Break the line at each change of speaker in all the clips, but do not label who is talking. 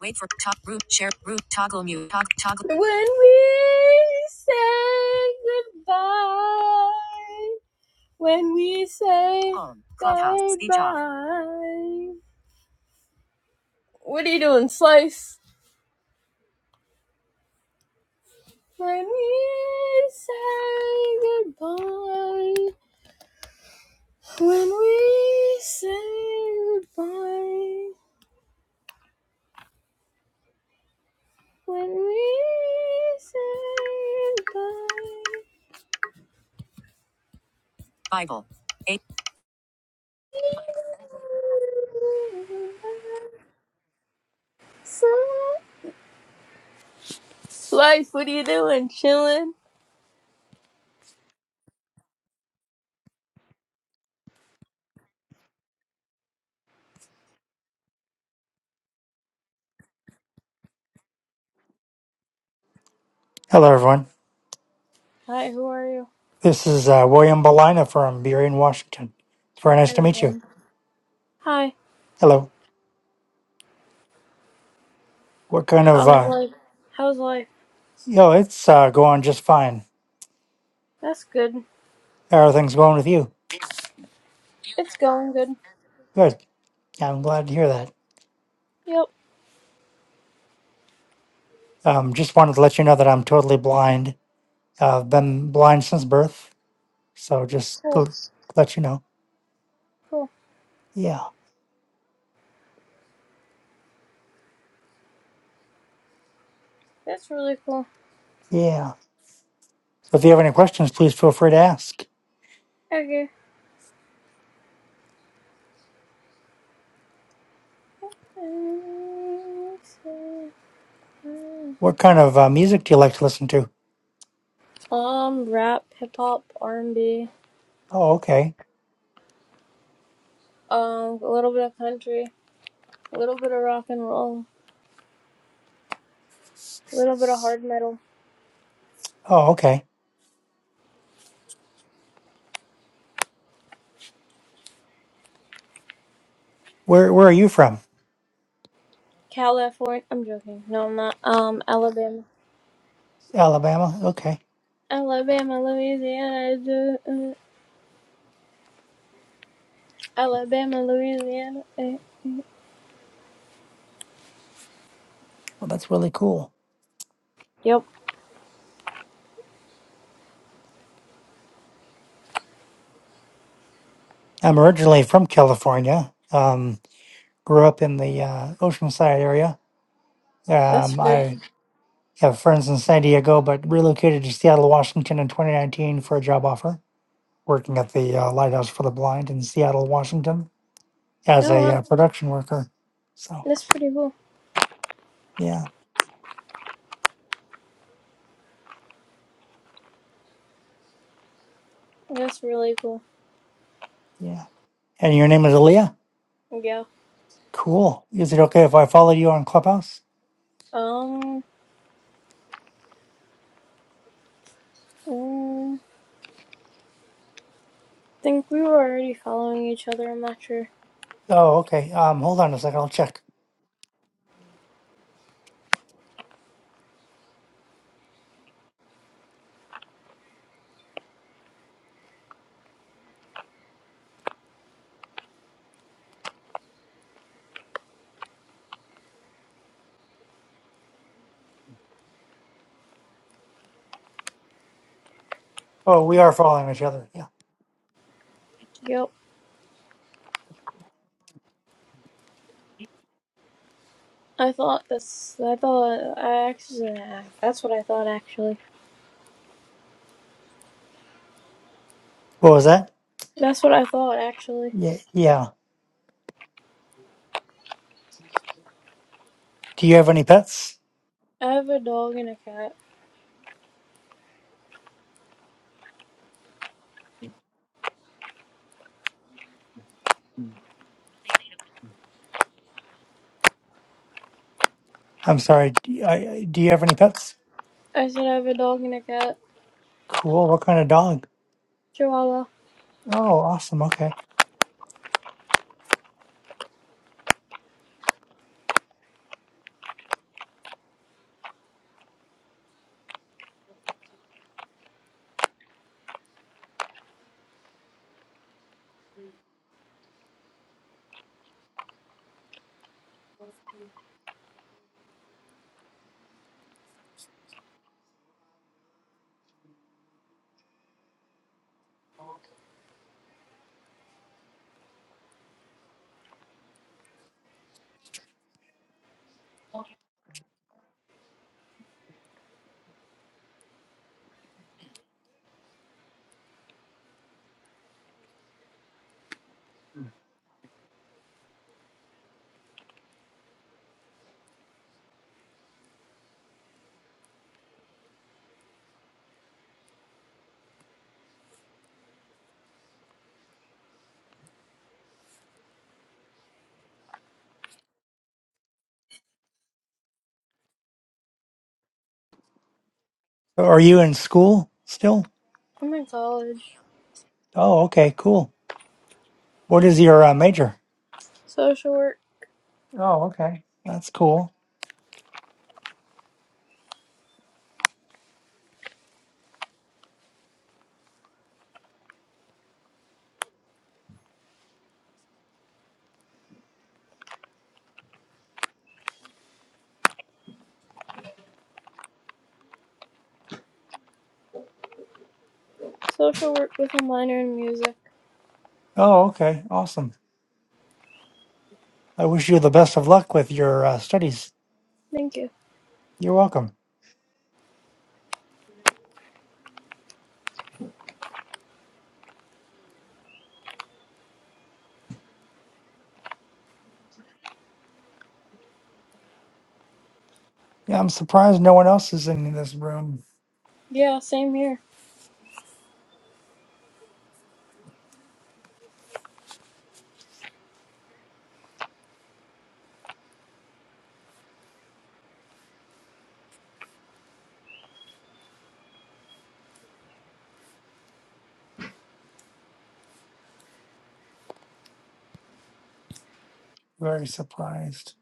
wait for top root share root toggle mute toggle toggle. When we say goodbye, when we say Home, goodbye. What are you doing, Slice? When we say goodbye, when we say goodbye, when we say goodbye. Bible. eight Life, what are you doing? Chilling?
Hello, everyone.
Hi, who are you?
This is uh, William Balina from Burien, Washington. It's very nice to
Hello,
meet you.
Dan. Hi.
Hello. What kind of,
How's
uh,
life? How's life?
yo, it's uh, going just fine.
That's good.
How are things going with you?
It's going good.
Good. Yeah, I'm glad to hear that.
Yep.
Um, just wanted to let you know that I'm totally blind. Uh, I've been blind since birth. So just
Cool.
to let you know.
Cool.
Yeah.
That's really cool.
Yeah. So if you have any questions, please feel free to ask.
Okay.
What kind of uh, music do you like to listen to?
Um, rap, hip hop, R and B.
Oh, okay.
Um, a little bit of country, a little bit of rock and roll, a little bit of hard metal.
Oh, okay. Where, where are you from?
California. I'm joking. No, I'm not. Um, Alabama.
Alabama. Okay.
Alabama, Louisiana, uh, Alabama, Louisiana. eh.
Well, that's really cool.
Yep,
I'm originally from California. Um, grew up in the uh, Oceanside area.
that's
Um,
good.
I have friends in San Diego, but relocated to Seattle, Washington in 2019 for a job offer, working at the uh, Lighthouse for the Blind in Seattle, Washington as
Oh
a
wow,
uh, production worker. So,
that's pretty cool.
yeah,
That's really cool.
yeah. And your name is Aaliyah?
Yeah.
Cool. Is it okay if I follow you on Clubhouse?
Um, mm, think we were already following each other. I'm not sure.
Oh, okay. Um, hold on a second. I'll check. Oh, we are following each other. Yeah.
Yep. I thought that's. I thought I actually. That's what I thought actually.
What was that?
That's what I thought actually.
Yeah. Yeah. Do you have any pets?
I have a dog and a cat.
I'm sorry. d- I- Do you have any pets?
I said I have a dog and a cat.
Cool. What kind of dog?
Chihuahua.
Oh, awesome. Okay. So Are you in school still?
I'm in college.
Oh, okay. Cool. What is your uh, major?
Social work.
Oh, okay. That's cool.
Social work with a minor in music.
Oh, okay. Awesome. I wish you the best of luck with your uh, studies.
Thank you.
You're welcome. Yeah, I'm surprised no one else is in this room.
Yeah, same here.
Very surprised.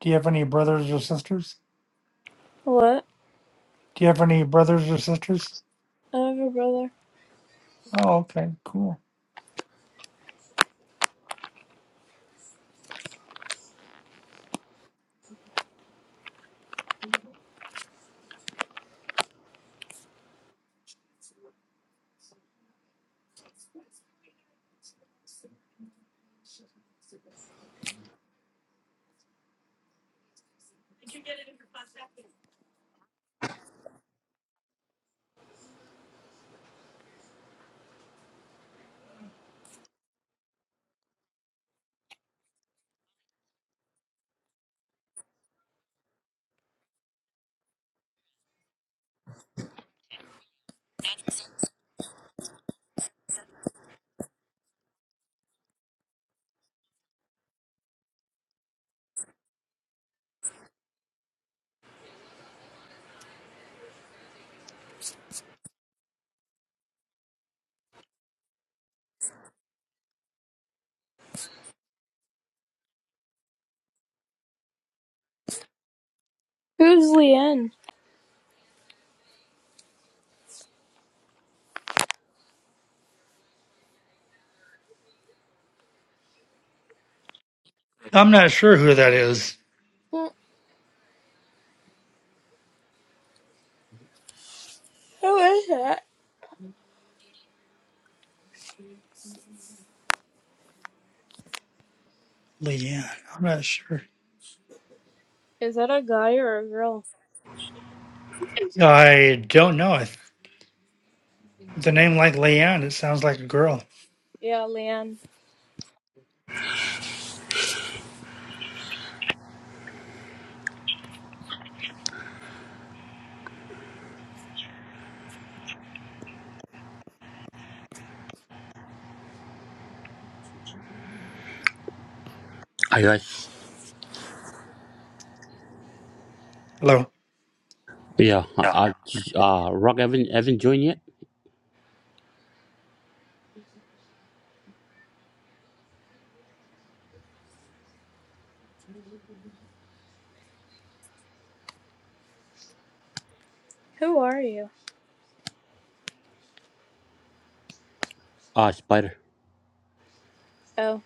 Do you have any brothers or sisters?
What?
Do you have any brothers or sisters?
I have a brother.
Oh, okay. Cool.
Who's Leanne?
I'm not sure who that is,
Hmm, Who is that?
Leanne. I'm not sure.
Is that a guy or a girl?
I don't know. I th- The name like Leanne, it sounds like a girl.
Yeah, Leanne.
Hi guys.
Hello.
Yeah, uh, uh, uh, Rock, haven't haven't joined yet.
Who are you?
Ah, Spider.
Oh,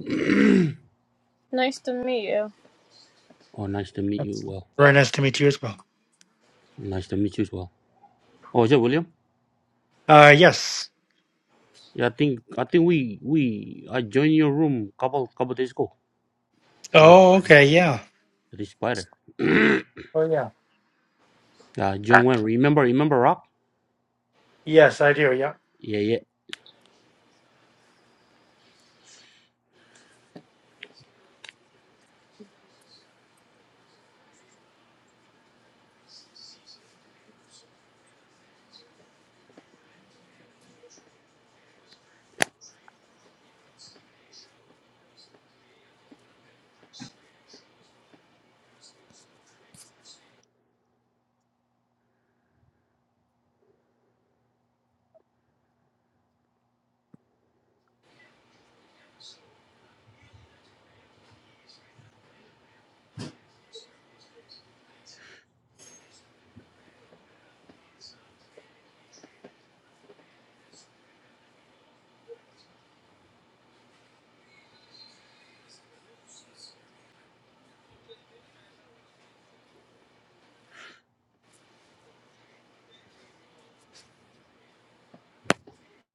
nice to meet you.
oh, nice to meet
That's
you. Well,
very nice to meet you as well.
nice to meet you as well. Oh, is that William?
Uh yes.
Yeah, I think I think we we I joined your room couple couple days ago. No, it
Oh, okay, yeah.
is Spider.
Oh yeah.
Uh, John Wayne. Remember remember Rock?
Yes, I do. Yeah.
Yeah, Yeah,